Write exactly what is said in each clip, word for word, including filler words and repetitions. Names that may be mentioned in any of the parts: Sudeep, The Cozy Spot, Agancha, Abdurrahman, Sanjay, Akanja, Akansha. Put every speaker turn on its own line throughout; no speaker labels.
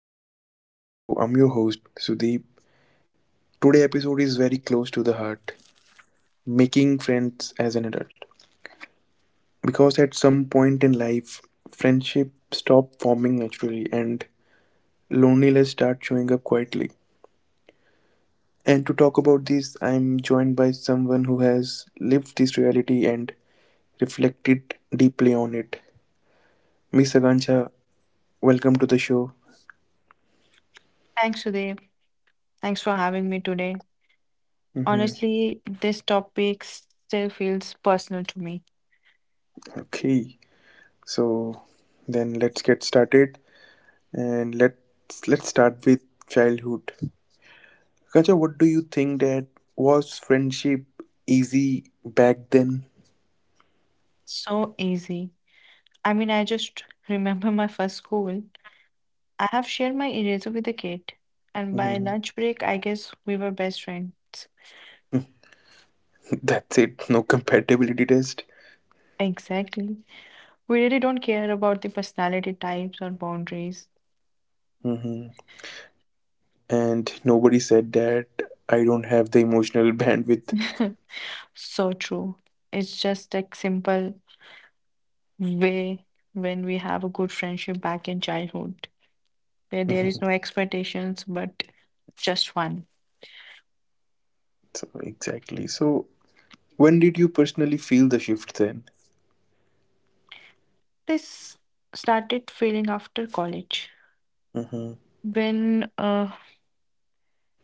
and welcome to the show. I'm your host Sudeep. Today episode is very close to the heart, making friends as an adult. Because at some point in life, friendship stop forming naturally and loneliness start showing up quietly. And to talk about this, I'm joined by someone who has lived this reality and reflected deeply on it. Miss Agancha, welcome to the show.
Thanks, Sudhir. Thanks for having me today.
Mm-hmm.
Honestly, this topic still feels personal to me.
Okay, so then let's get started. And let's let's start with childhood. Kacha, what do you think that was friendship easy back then?
So easy. I mean, I just remember my first school. I have shared my eraser with a kid, and by
Mhm.
lunch break, I guess we were best friends.
That's it. No compatibility test.
Exactly. We really don't care about the personality types or boundaries.
Hmm. And nobody said that I don't have the emotional bandwidth.
So true. It's just like simple way when we have a good friendship back in childhood, where there is
Mhm.
no expectations but just one.
So exactly. So when did you personally feel the shift then?
This started feeling after college.
Hmm.
When uh,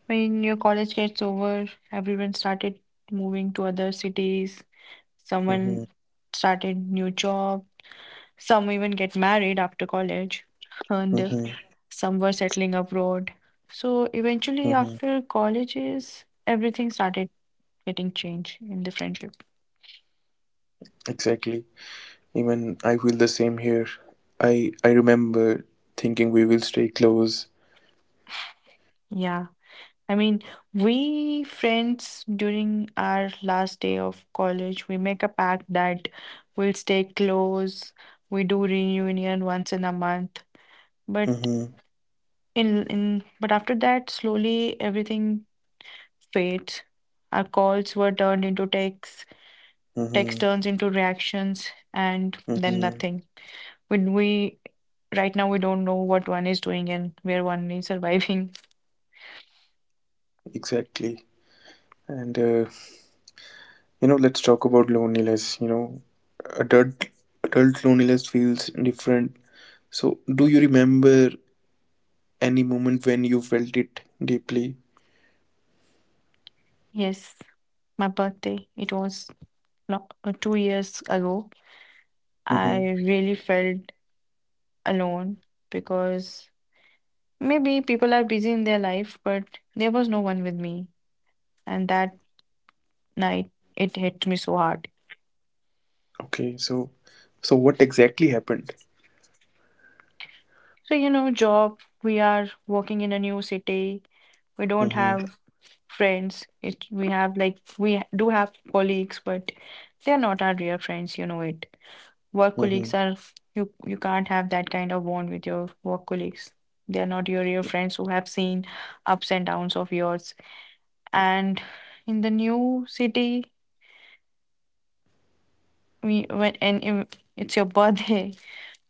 when your college gets over, everyone started moving to other cities.
Hmm.
Someone started new job. Some even get married after college, and
Hmm.
some were settling abroad. So
Hmm.
eventually, after colleges, everything started getting change in the friendship.
Exactly. Even I feel the same here. I I remember thinking we will stay close.
Yeah. I mean, we friends during our last day of college, we make a pact that we'll stay close. We do reunion once in a month. But
Mm-hmm,
in in but after that, slowly everything fades. Our calls were turned into texts, text
mm-hmm,
turns into reactions, and then
mm-hmm.
nothing. When we right now we don't know what one is doing and where one is surviving.
Exactly. And uh, you know, let's talk about loneliness. You know, adult adult loneliness feels different. So, do you remember any moment when you felt it deeply?
Yes. My birthday. It was no, uh, two years ago. I
Mm-hmm.
really felt alone because maybe people are busy in their life, but there was no one with me. And that night, it hit me so hard.
Okay. So, so what exactly happened?
So, you know, job, we are working in a new city. We don't
Mm-hmm,
have friends. It, we have like, We do have colleagues, but they're not our real friends, you know it. Work
mm-hmm,
colleagues are, you you can't have that kind of bond with your work colleagues. They are not your real friends who have seen ups and downs of yours. And in the new city, we when and it's your birthday,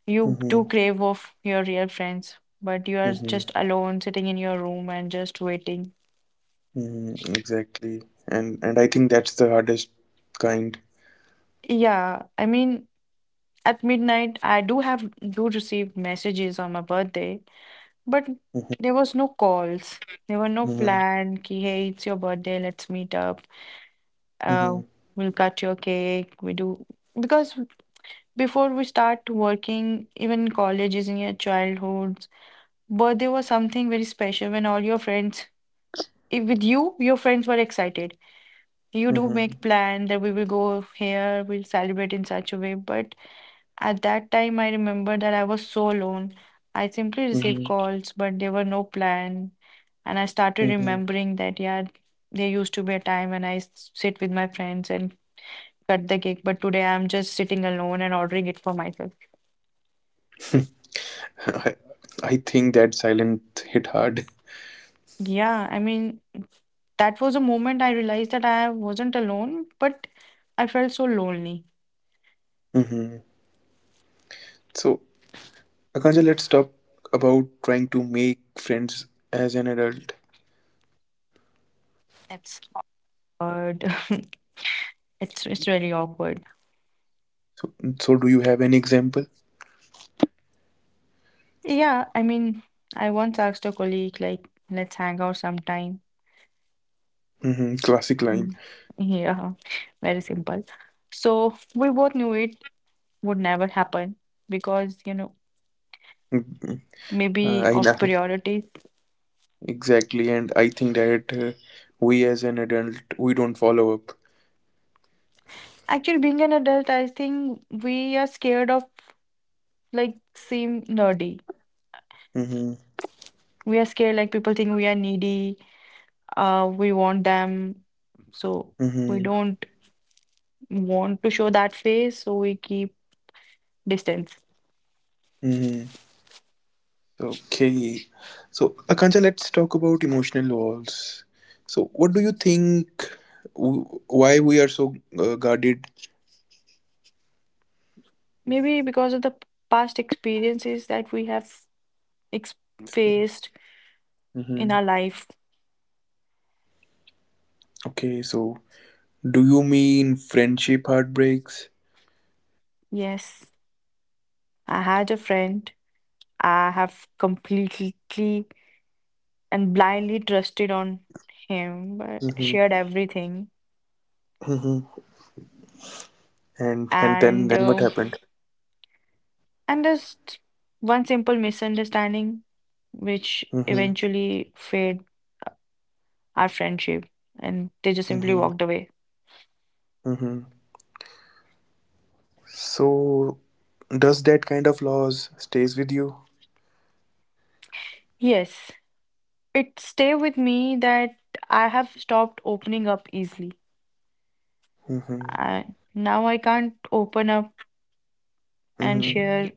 you do
mm-hmm,
crave of your real friends. But you are
mm-hmm,
just alone sitting in your room and just waiting.
mm-hmm. Exactly. And and I think that's the hardest kind.
Yeah, I mean, at midnight I do have do receive messages on my birthday. But
Mm-hmm,
there was no calls. There were no plan ki, hey, it's your birthday, let's meet up.
mm-hmm,
Uh, we'll cut your cake. We do because before we start working, even in colleges in your childhoods, birthday was something very special when all your friends, if with you, your friends were excited. You do
mm-hmm,
make plan that we will go here, we'll celebrate in such a way. But at that time, I remember that I was so alone. I simply received
mm-hmm,
calls, but there were no plan. And I started
mm-hmm.
remembering that, yeah, there used to be a time when I s- sit with my friends and cut the cake, but today I'm just sitting alone and ordering it for myself.
I, I think that silent hit hard.
Yeah, I mean, that was a moment I realized that I wasn't alone, but I felt so lonely.
Hmm. So, Akanja, let's talk about trying to make friends as an adult.
It's awkward. It's it's really awkward.
So, do you have any example?
Yeah, I mean, I once asked a colleague like, let's hang out sometime.
Hmm. Classic line.
Mm, yeah, very simple. So we both knew it would never happen because, you know,
Mhm. Uh,
maybe
I
of
know
priorities.
exactly, and I think that uh, we as an adult we don't follow up.
Actually, being an adult, I think we are scared of like seem nerdy.
Hmm.
We are scared like people think we are needy. Uh, we want them, so
Hmm.
we don't want to show that face, so we keep distance.
Hmm. Okay, so Akanja, let's talk about emotional walls. So, what do you think? w- Why we are so uh, guarded?
Maybe because of the past experiences that we have ex faced in our
Mm-hmm.
life.
Okay, so do you mean friendship heartbreaks?
Yes, I had a friend. I have completely and blindly trusted on him, but
Mm-hmm.
shared everything.
Mm-hmm. And and then
And
then what
uh,
happened?
and just one simple misunderstanding, which
Mm-hmm.
eventually fade our friendship, and they just simply
Mm-hmm.
walked away.
Mm-hmm. So does that kind of loss stays with you?
Yes, it stay with me that I have stopped opening up easily.
Mm-hmm.
I, now I can't open up and
Mm-hmm.
share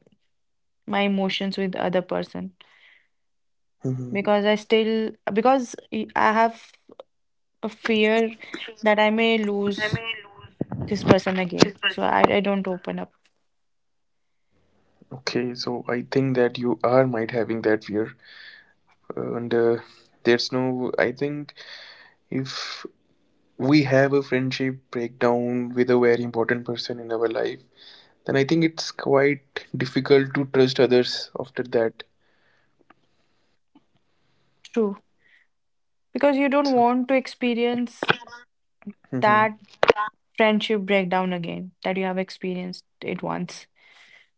my emotions with other person
Mm-hmm.
because I still because I have a fear that I may lose this person again. So I, I don't open up.
Okay, so I think that you are might having that fear, and uh, there's no. I think if we have a friendship breakdown with a very important person in our life, then I think it's quite difficult to trust others after that.
True. Because you don't
So,
want to experience
hmm
that friendship breakdown again, that you have experienced it once.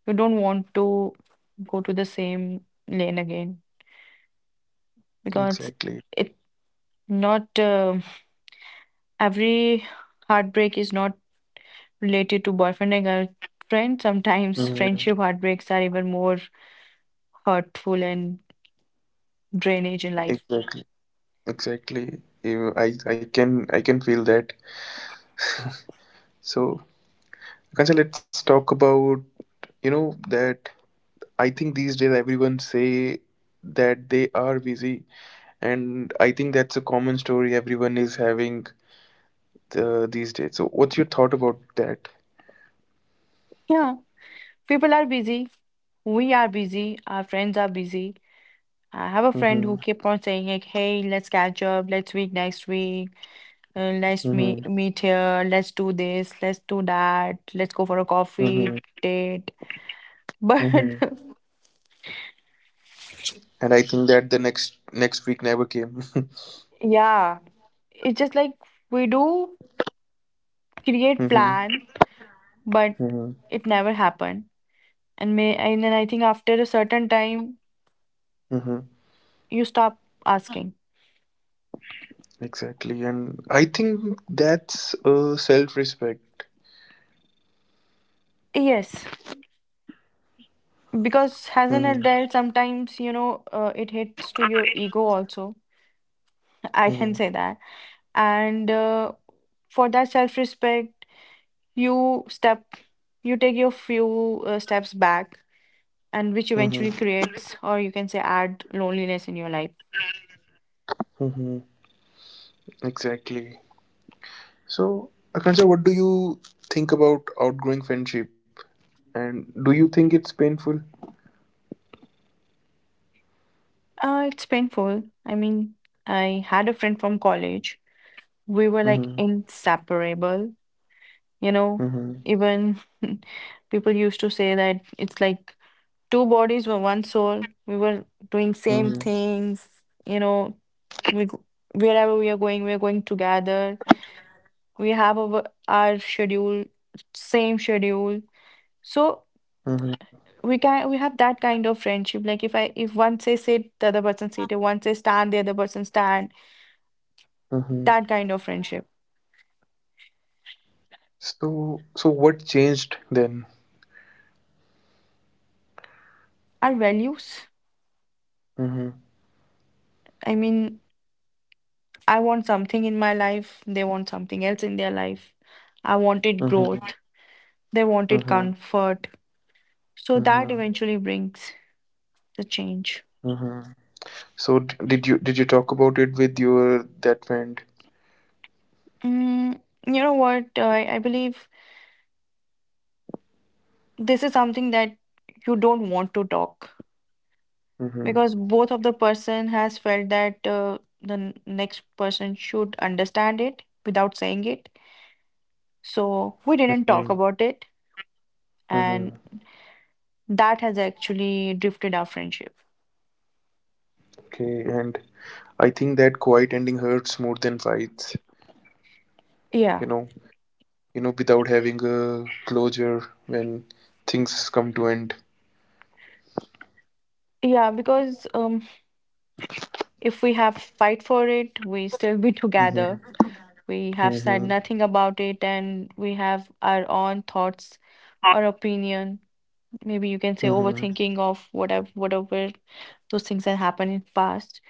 You don't want to go to the same lane again because
Exactly.
it not uh, every heartbreak is not related to boyfriend and girlfriend. Sometimes
Mhm.
friendship heartbreaks are even more hurtful and drainage in life.
Exactly. Exactly. You- I I can I can feel that. So, Akansha, let's talk about, you know, that I think these days everyone say that they are busy, and I think that's a common story everyone is having the these days. So, what's your thought about that?
Yeah, people are busy. We are busy. Our friends are busy. I have a friend
Mm-hmm.
who kept on saying like, "Hey, let's catch up. Let's meet next week. Uh, let's
Mm-hmm.
meet meet here. Let's do this. Let's do that. Let's go for a
Mm-hmm.
coffee date." But
Mm-hmm. And I think that the next next week never came.
yeah, it's just like we do create
Mm-hmm.
plan, but
Mm-hmm.
it never happened. And may and then I think after a certain time, you stop asking.
Exactly. And I think that's uh, self respect.
Yes, because as an
Mm-hmm.
adult, sometimes you know uh, it hits to your ego also. I can
Mm-hmm.
say that and. Uh, for that self-respect, you step you take your few uh, steps back, and which eventually
Mm-hmm.
creates, or you can say, add loneliness in your life.
Mm-hmm. Exactly. So, Akansha, what do you think about outgrowing friendship? And do you think it's painful?
Uh, it's painful. I mean, I had a friend from college. We were like
Mm-hmm.
inseparable, you know?
Mm-hmm.
Even people used to say that it's like two bodies were one soul. We were doing same
Mm-hmm.
things, you know? We, wherever we are going, we are going together. We have our, our schedule, same schedule. So
Mm-hmm.
we can we have that kind of friendship, like if i if one says sit, the other person sit. If one says stand, the other person stand.
Mm-hmm.
That kind of friendship.
So, so what changed then?
Our values,
Mm-hmm.
I mean, I want something in my life, they want something else in their life. I wanted
Mm-hmm.
growth. They wanted
Mm-hmm.
comfort. So that
Mm-hmm.
eventually brings the change.
Mm-hmm. So, d- did you did you talk about it with your that friend?
mm, you know what I i believe, this is something that you don't want to talk
Mm-hmm.
because both of the person has felt that uh, the n- next person should understand it without saying it. So we didn't talk
Mm-hmm.
about it, and
Mm-hmm.
that has actually drifted our friendship.
Okay. And I think that quiet ending hurts more than fights. You
Yeah,
know, you know, without having a closure when things come to end.
yeah, because um, if we have fight for it we still be together.
Mm-hmm.
We have said
Mm-hmm.
nothing about it, and we have our own thoughts or opinion, maybe you can say
Mm-hmm.
overthinking of whatever whatever those things that happened in past.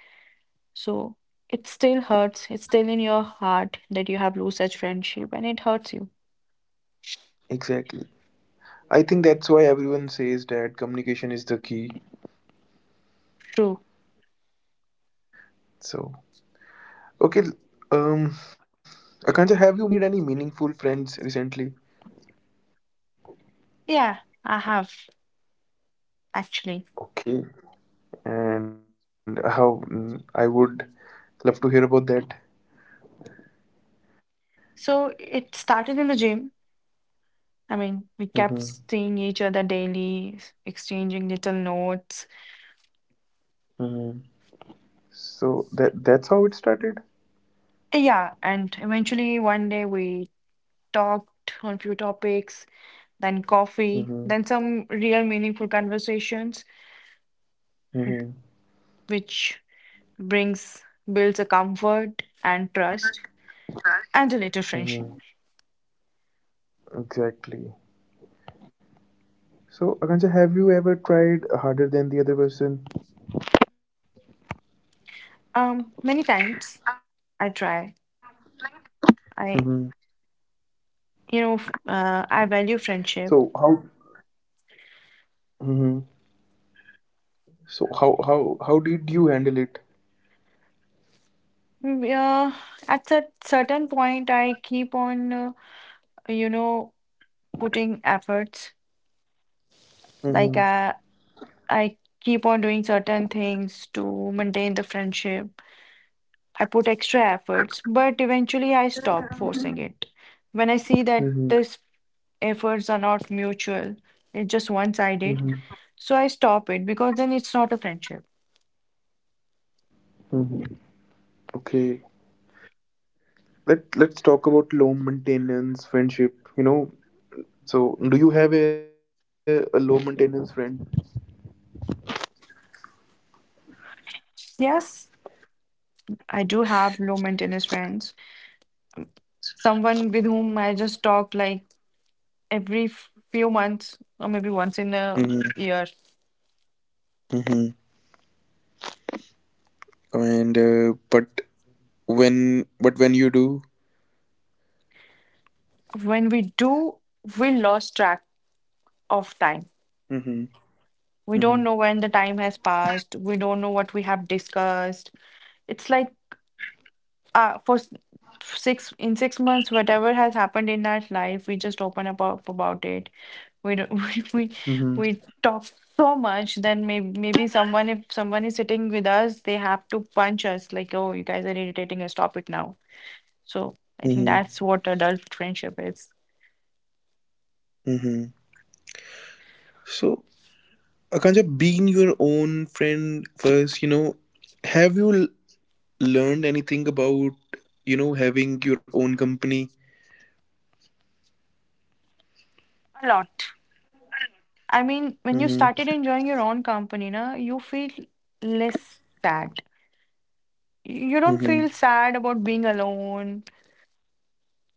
So it still hurts. It's still in your heart that you have lost such friendship and it hurts you.
Exactly. I think that's why everyone says that communication is the key.
True.
So, okay, um, Akansha, have you made any meaningful friends recently?
Yeah, I have actually.
Okay, and how? mm, I would love to hear about that.
So it started in the gym. I mean, we
Mm-hmm.
kept seeing each other daily, s- exchanging little notes.
Mm-hmm. So that that's how it started.
Yeah, and eventually one day we talked on few topics, then coffee, then
Mm-hmm.
some real meaningful conversations,
Mm-hmm.
which brings builds a comfort and trust and a later friendship.
Mm-hmm. Exactly. So, Akanksha, have you ever tried harder than the other person?
Um, many times I try.
Hmm.
I, you know, f- uh,
So
I
how?
value friendship.
Hmm. So how how how did you handle it?
Mm, yeah, at a certain point, I keep on, uh, you know, putting efforts.
Hmm.
Like uh, I keep on doing certain things to maintain the friendship. I put extra efforts, but eventually I stop forcing it. When I see that
Hmm.
these efforts are not mutual, it's just one-sided,
Hmm.
so I stop it because then it's not a friendship.
Hmm. Okay. Let Let's talk about low maintenance friendship. You know. So do you have a, a low maintenance friend?
Yes. I do have low maintenance friends, someone with whom I just talk like every f- few months or maybe once in a
Hmm.
year.
Hmm. And uh, but when but when you do.
When we do, we lost track of time.
Hmm. Hmm.
We don't know when the time has passed. We don't know what we have discussed. It's like uh for s- six in six months, whatever has happened in our life, we just open up about, about it. We don't, we, we
Hmm.
we talk so much. Then maybe maybe someone if someone is sitting with us, they have to punch us like, oh, you guys are irritating us, stop it now. So I think
Hmm.
that's what adult friendship is.
Hmm. So. Akanja, being your own friend first, you know, have you l- learned anything about, you know, having your own company?
A lot. I mean, when
Mm-hmm,
you started enjoying your own company na, you feel less sad. You
mm-hmm,
don't feel sad about being alone.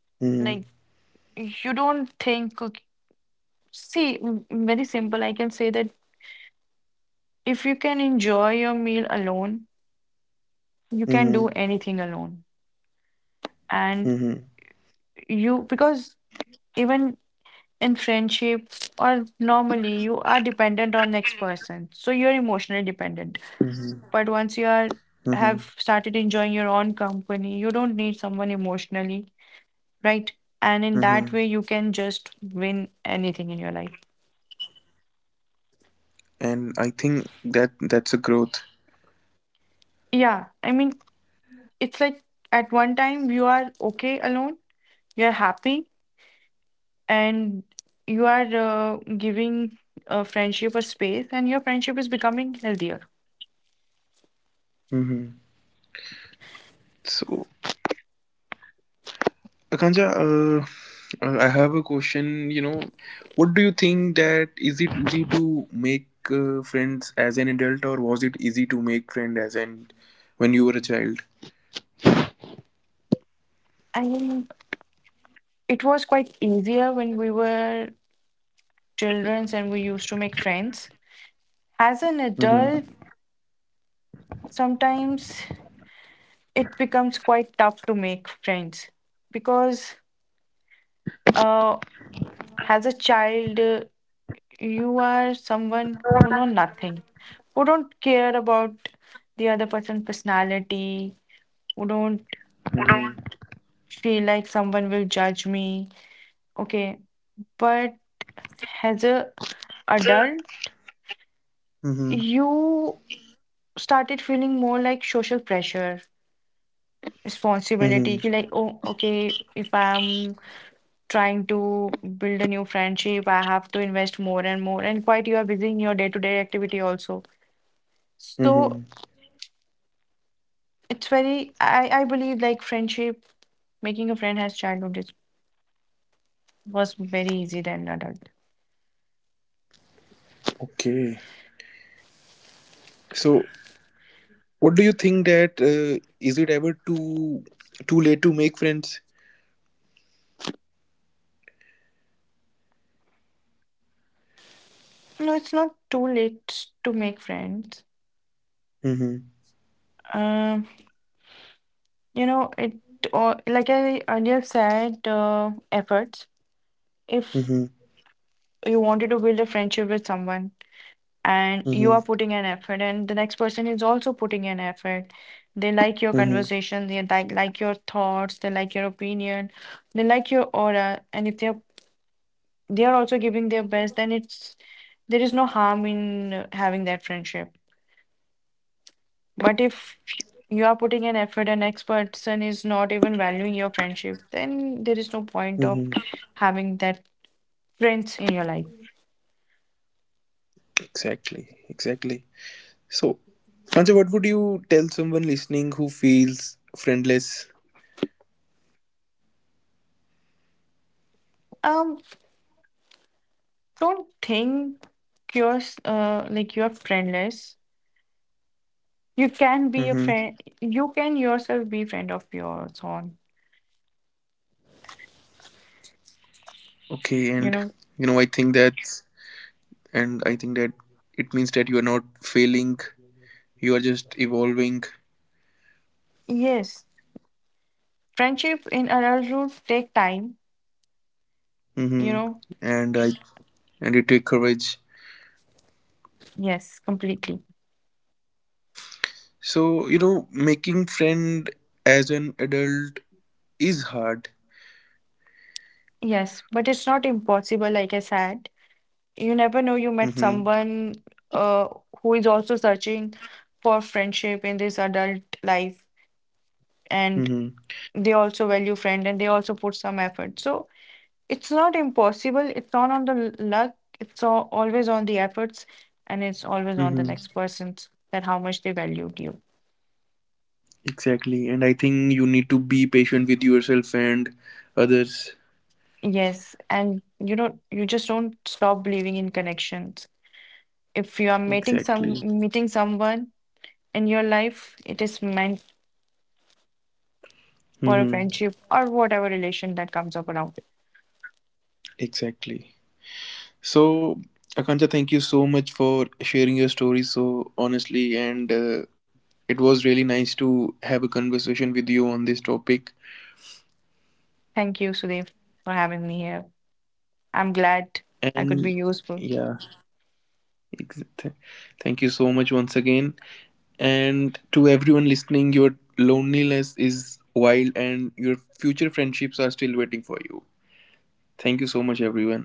mm-hmm,
Like, you don't think. See, m- very simple. I can say that if you can enjoy your meal alone, you
mm-hmm,
can do anything alone. And
mm-hmm,
you, because even in friendship or normally, you are dependent on next person. So you're emotionally
mm-hmm,
dependent. But once you are
mm-hmm,
have started enjoying your own company, you don't need someone emotionally, right? And
mm-hmm.
in that way, you can just win anything in your life.
And I think that that's a growth.
Yeah, I mean, it's like at one time you are okay alone, you're happy, and you are uh, giving a friendship a space, and your friendship is becoming healthier.
Mm-hmm. So, Akanja, uh, uh, I have a question. You know, what do you think that is it easy to make uh, friends as an adult, or was it easy to make friend as an when you were a child?
And it was quite easier when we were children and we used to make friends. As an adult, sometimes it becomes quite tough to make friends because, uh, as a child, uh, you are someone who know nothing, who don't care about the other person's personality, who don't
Mm-hmm.
feel like someone will judge me. Okay, but as a adult, you started feeling more like social pressure,
Mm-hmm.
responsibility. Ki Like, oh, okay, if I'm trying to build a new friendship, I have to invest more and more. And quite you are busy in your day-to-day activity also. So
Mm-hmm.
it's very, I, I believe like friendship, making a friend has childhood is, was very easy than adult.
Okay. So, what do you think that uh, is it ever too too late to make friends?
No, it's not too late to make friends.
Mm-hmm.
Um. You know, it or like I earlier said, uh, efforts. If
Mm-hmm.
you wanted to build a friendship with someone and you are
Mm-hmm.
putting an effort, and the next person is also putting an effort, they like your
Mm-hmm.
conversation, they like like your thoughts, they like your opinion, they like your aura, and if they're they are also giving their best, then it's there is no harm in uh, having that friendship. But if you are putting an effort and next person is not even valuing your friendship, then there is no point
Mm-hmm.
of having that friends in your life.
Exactly. Exactly. So, Sanjay, what would you tell someone listening who feels friendless?
Um, don't think you're s- uh, like you're friendless. You can be a
Mm-hmm.
friend. You can yourself be friend of yours own.
Okay, and
You
you
know.
know, I think that, and I think that it means that you are not failing. You are just evolving.
Yes, friendship in adulthood take time. You
Mm-hmm.
know.
And I and it take courage.
Yes, completely.
So, you know, making friend as an adult is hard.
Yes, but it's not impossible. Like I said. You never know, you
Mm-hmm.
met someone uh, who is also searching for friendship in this adult life, and
Mm-hmm.
they also value friend and they also put some effort. So it's not impossible, it's not on the l- luck, it's al- always on the efforts, and it's always on the
Mm-hmm.
next person's that how much they valued you.
Exactly. And I think you need to be patient with yourself and others.
Yes, and you know, you just don't stop believing in connections. If you are meeting some
Exactly.
meeting someone in your life, it is meant for a
Mm-hmm.
friendship or whatever relation that comes up around it.
Exactly. So, Akansha, thank you so much for sharing your story so honestly. And uh, it was really nice to have a conversation with you on this topic.
Thank you, Sudeep, for having me here. I'm glad I could
And
be useful.
yeah, ex- th- thank you so much once again. And to everyone listening, your loneliness is wild and your future friendships are still waiting for you. Thank you so much, everyone.